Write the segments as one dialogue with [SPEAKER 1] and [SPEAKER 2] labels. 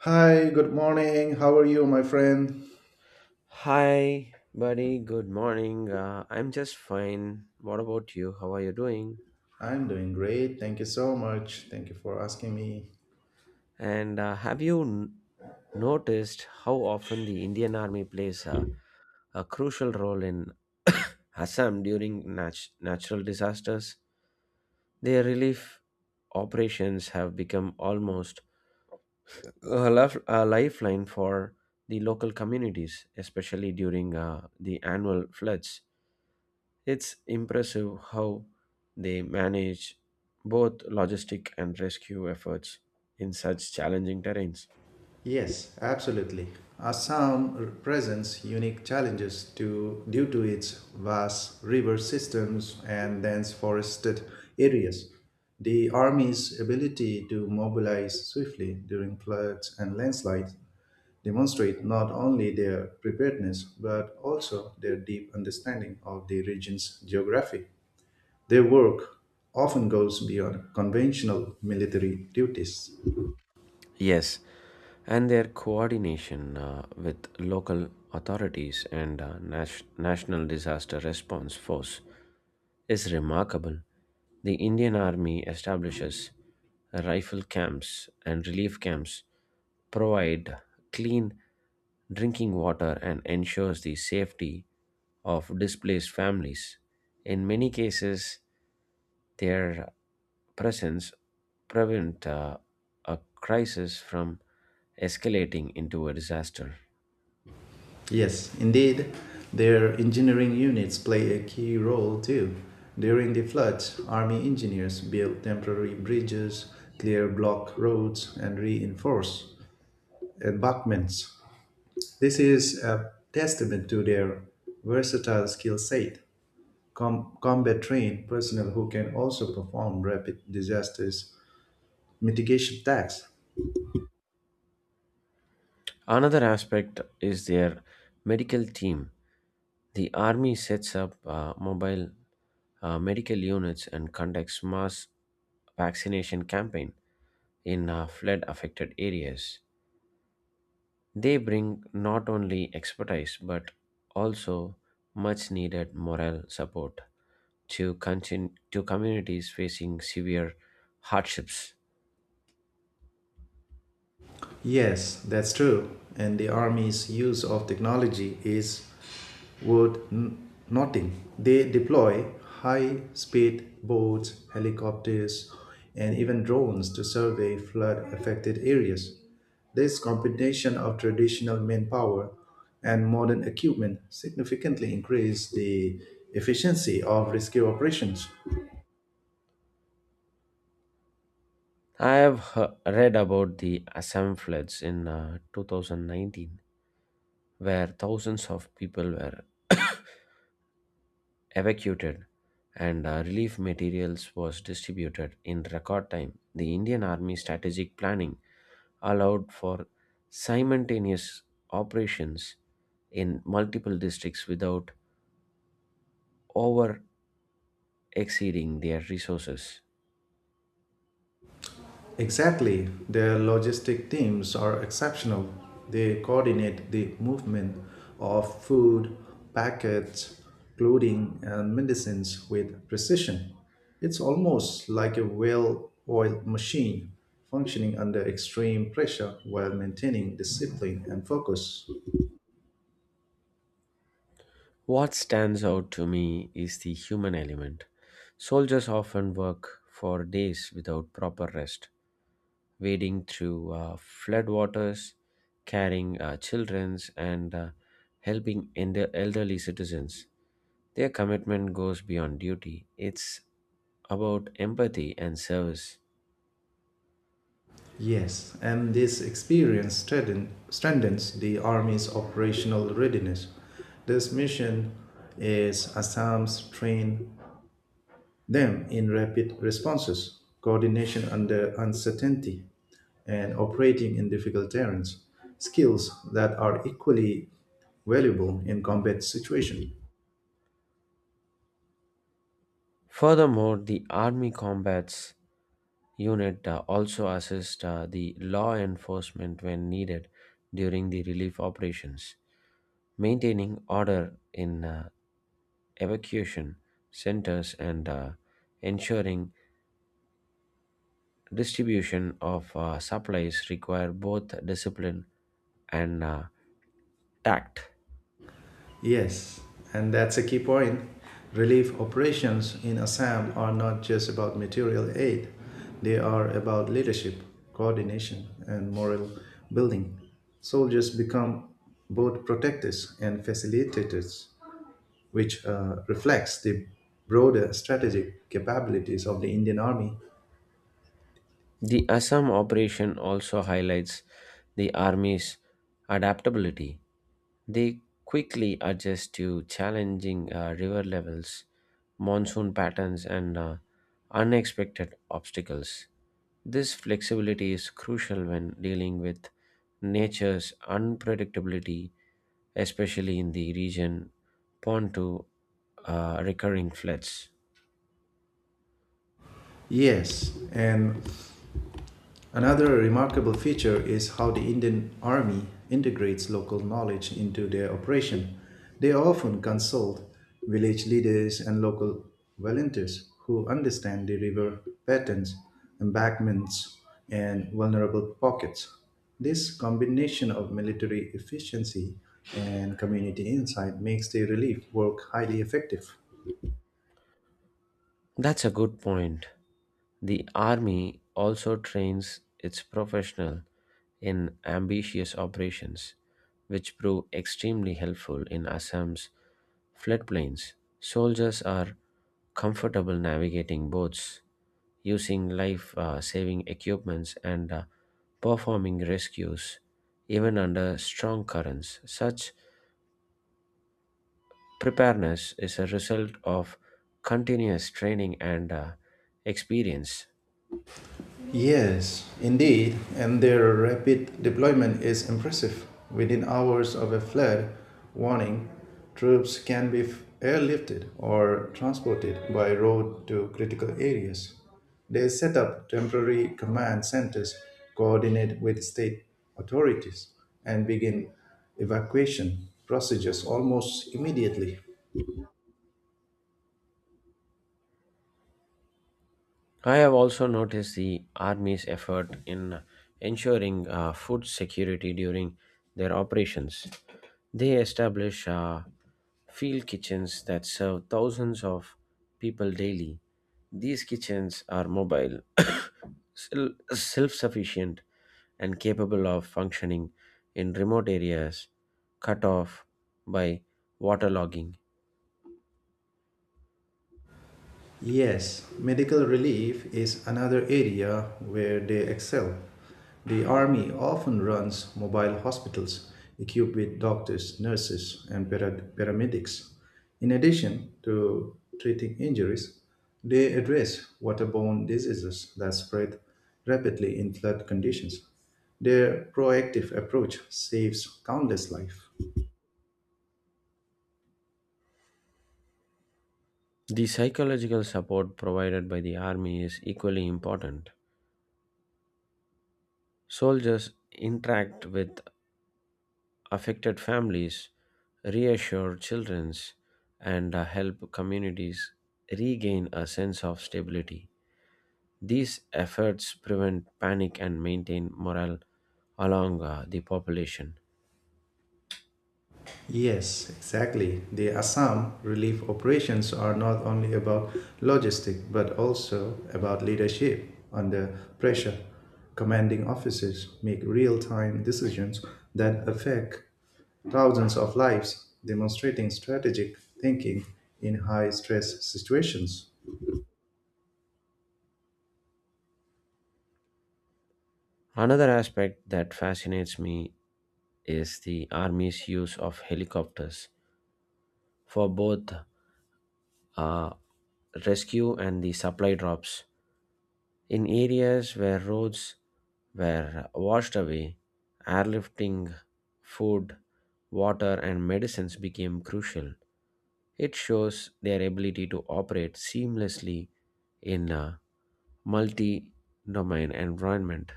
[SPEAKER 1] Hi, good morning. How are you, my friend?
[SPEAKER 2] Hi, buddy. Good morning. I'm just fine. What about you? How are you doing?
[SPEAKER 1] I'm doing great. Thank you so much. Thank you for asking me.
[SPEAKER 2] And have you noticed how often the Indian Army plays a crucial role in Assam during natural disasters? Their relief operations have become almost a lifeline for the local communities, especially during the annual floods. It's impressive how they manage both logistic and rescue efforts in such challenging terrains.
[SPEAKER 1] Yes, absolutely. Assam presents unique challenges to, due to its vast river systems and dense forested areas. The Army's ability to mobilize swiftly during floods and landslides demonstrate not only their preparedness but also their deep understanding of the region's geography. Their work often goes beyond conventional military duties.
[SPEAKER 2] Yes, and their coordination with local authorities and national disaster response force is remarkable. The Indian Army establishes rifle camps and relief camps, provide clean drinking water, and ensures the safety of displaced families. In many cases, their presence prevent a crisis from escalating into a disaster.
[SPEAKER 1] Yes, indeed, their engineering units play a key role too. During the floods, army engineers built temporary bridges, clear block roads, and reinforce embankments. This is a testament to their versatile skill set. Combat trained personnel who can also perform rapid disasters mitigation tasks.
[SPEAKER 2] Another aspect is their medical team. The army sets up mobile medical units and conducts mass vaccination campaign in flood affected areas. They bring not only expertise but also much needed moral support to continue to communities facing severe hardships.
[SPEAKER 1] Yes, that's true. And the army's use of technology is worth noting. They deploy high speed boats, helicopters, and even drones to survey flood affected areas. This combination of traditional manpower and modern equipment significantly increased the efficiency of rescue operations.
[SPEAKER 2] I have read about the Assam floods in 2019, where thousands of people were evacuated and relief materials was distributed in record time. The indian army strategic planning allowed for simultaneous operations in multiple districts without over exceeding their resources.
[SPEAKER 1] Exactly. Their logistic teams are exceptional. They coordinate the movement of food, packets, clothing, and medicines with precision. It's almost like a well oiled machine functioning under extreme pressure while maintaining discipline and focus.
[SPEAKER 2] What stands out to me is the human element. Soldiers often work for days without proper rest, wading through floodwaters, carrying children's, and helping elderly citizens. Their commitment goes beyond duty, it's about empathy and service.
[SPEAKER 1] Yes, and this experience strengthens the Army's operational readiness. This mission is Assam's train them in rapid responses, coordination under uncertainty, and operating in difficult terrains, skills that are equally valuable in combat situation.
[SPEAKER 2] Furthermore, the Army Combats Unit also assists the law enforcement when needed during the relief operations, maintaining order in evacuation centers and ensuring distribution of supplies require both discipline and tact.
[SPEAKER 1] Yes, and that's a key point. Relief operations in Assam are not just about material aid, they are about leadership, coordination, and moral building. Soldiers become both protectors and facilitators, which reflects the broader strategic capabilities of the Indian Army.
[SPEAKER 2] The Assam operation also highlights the Army's adaptability. They quickly adjust to challenging river levels, monsoon patterns, and unexpected obstacles. This flexibility is crucial when dealing with nature's unpredictability, especially in the region prone to recurring floods.
[SPEAKER 1] Yes, and another remarkable feature is how the Indian Army integrates local knowledge into their operation. They often consult village leaders and local volunteers who understand the river patterns, embankments, and vulnerable pockets. This combination of military efficiency and community insight makes the relief work highly effective.
[SPEAKER 2] That's a good point. The army also trains its professional in ambitious operations, which prove extremely helpful in Assam's floodplains. Soldiers are comfortable navigating boats, using life saving equipments, and performing rescues even under strong currents. Such preparedness is a result of continuous training and experience.
[SPEAKER 1] Yes, indeed, and their rapid deployment is impressive. Within hours of a flood warning, troops can be airlifted or transported by road to critical areas. They set up temporary command centers, coordinate with state authorities, and begin evacuation procedures almost immediately.
[SPEAKER 2] I have also noticed the Army's effort in ensuring food security during their operations. They establish field kitchens that serve thousands of people daily. These kitchens are mobile, self sufficient, and capable of functioning in remote areas cut off by waterlogging.
[SPEAKER 1] Yes, medical relief is another area where they excel. The Army often runs mobile hospitals equipped with doctors, nurses, and paramedics. In addition to treating injuries, they address waterborne diseases that spread rapidly in flood conditions. Their proactive approach saves countless lives.
[SPEAKER 2] The psychological support provided by the Army is equally important. Soldiers interact with affected families, reassure children, and help communities regain a sense of stability. These efforts prevent panic and maintain morale along the population.
[SPEAKER 1] Yes, exactly. The Assam relief operations are not only about logistics but also about leadership under pressure. Commanding officers make real time decisions that affect thousands of lives, demonstrating strategic thinking in high stress situations.
[SPEAKER 2] Another aspect that fascinates me is the army's use of helicopters for both uh, rescue and the supply drops. In areas where roads were washed away, airlifting food, water, and medicines became crucial. It shows their ability to operate seamlessly in a multi domain environment.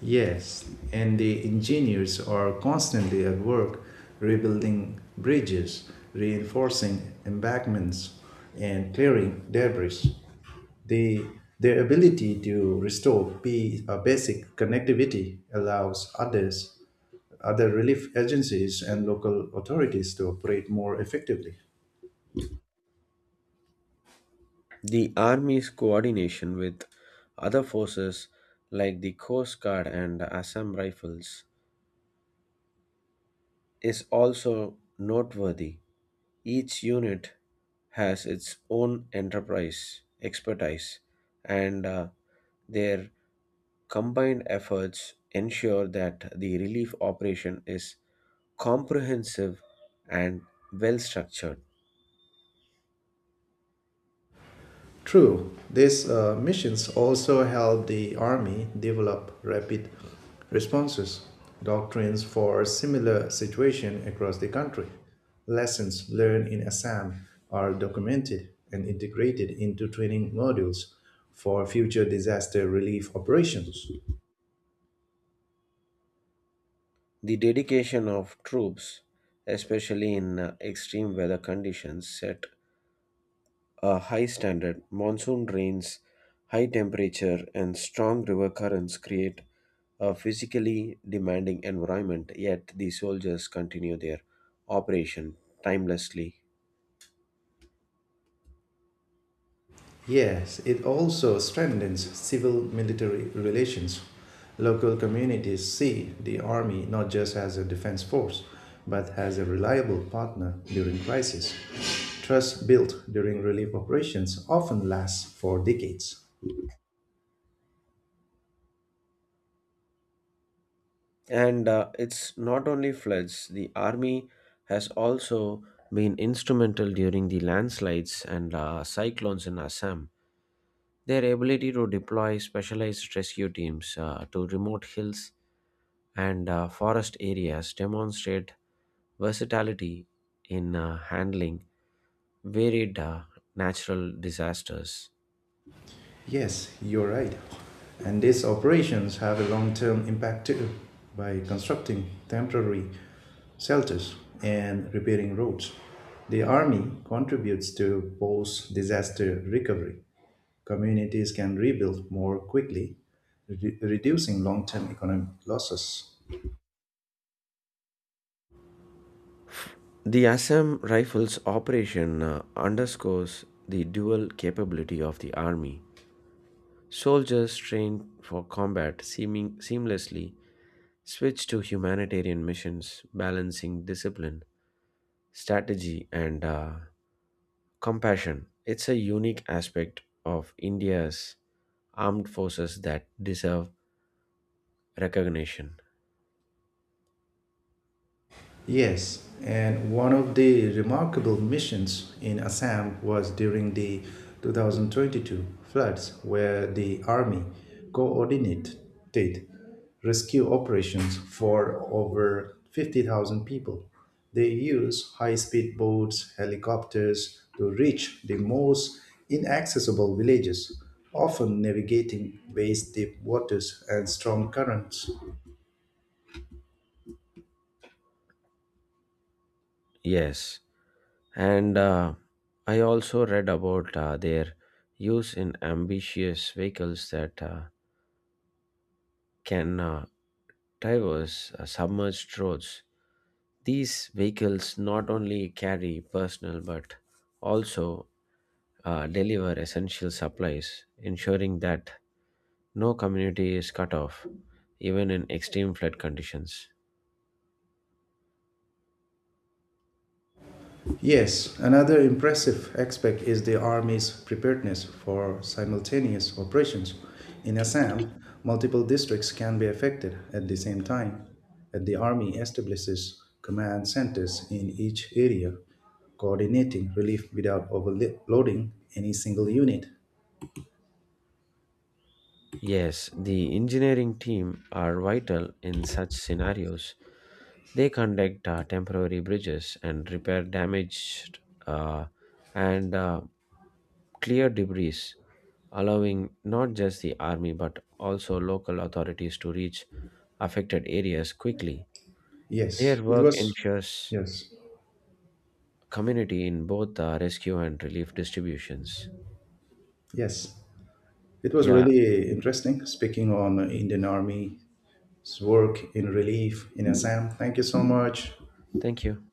[SPEAKER 1] Yes, and the engineers are constantly at work rebuilding bridges, reinforcing embankments, and clearing debris. The, their ability to restore basic connectivity allows other relief agencies, and local authorities to operate more effectively.
[SPEAKER 2] The Army's coordination with other forces like the Coast Guard and Assam Rifles is also noteworthy. Each unit has its own enterprise, expertise, and their combined efforts ensure that the relief operation is comprehensive and well structured.
[SPEAKER 1] True, these missions also help the Army develop rapid responses, doctrines for similar situation across the country. Lessons learned in Assam are documented and integrated into training modules for future disaster relief operations.
[SPEAKER 2] The dedication of troops, especially in extreme weather conditions, set a high standard. Monsoon rains, high temperature, and strong river currents create a physically demanding environment, yet the soldiers continue their operation timelessly.
[SPEAKER 1] Yes, it also strengthens civil military relations. Local communities see the army not just as a defense force, but as a reliable partner during crisis. Trust built during relief operations often lasts for decades.
[SPEAKER 2] And it's not only floods, the army has also been instrumental during the landslides and cyclones in Assam. Their ability to deploy specialized rescue teams to remote hills and forest areas demonstrate versatility in handling varied natural disasters.
[SPEAKER 1] Yes, you're right. And these operations have a long term impact too by constructing temporary shelters and repairing roads. The Army contributes to post disaster recovery. Communities can rebuild more quickly, reducing long term economic losses.
[SPEAKER 2] The Assam Rifles operation underscores the dual capability of the army. Soldiers trained for combat seeming seamlessly switch to humanitarian missions, balancing discipline, strategy, and compassion. It's a unique aspect of India's armed forces that deserve recognition.
[SPEAKER 1] Yes, and one of the remarkable missions in Assam was during the 2022 floods, where the army coordinated rescue operations for over 50,000 people. They used high speed boats, helicopters to reach the most inaccessible villages, often navigating waist deep waters and strong currents.
[SPEAKER 2] Yes, and I also read about their use in ambitious vehicles that can traverse submerged roads. These vehicles not only carry personal but also deliver essential supplies, ensuring that no community is cut off, even in extreme flood conditions.
[SPEAKER 1] Yes, another impressive aspect is the Army's preparedness for simultaneous operations. In Assam, multiple districts can be affected at the same time, and the Army establishes command centers in each area, coordinating relief without overloading any single unit.
[SPEAKER 2] Yes, the engineering team are vital in such scenarios. They conduct temporary bridges and repair damaged uh, and clear debris, allowing not just the army but also local authorities to reach affected areas quickly.
[SPEAKER 1] Yes,
[SPEAKER 2] Their
[SPEAKER 1] it
[SPEAKER 2] work
[SPEAKER 1] was.
[SPEAKER 2] ensures
[SPEAKER 1] Yes,
[SPEAKER 2] community in both rescue and relief distributions.
[SPEAKER 1] yes. It was
[SPEAKER 2] Yeah,
[SPEAKER 1] really interesting speaking on Indian Army's work in relief in Assam. Thank you so much.
[SPEAKER 2] thank you.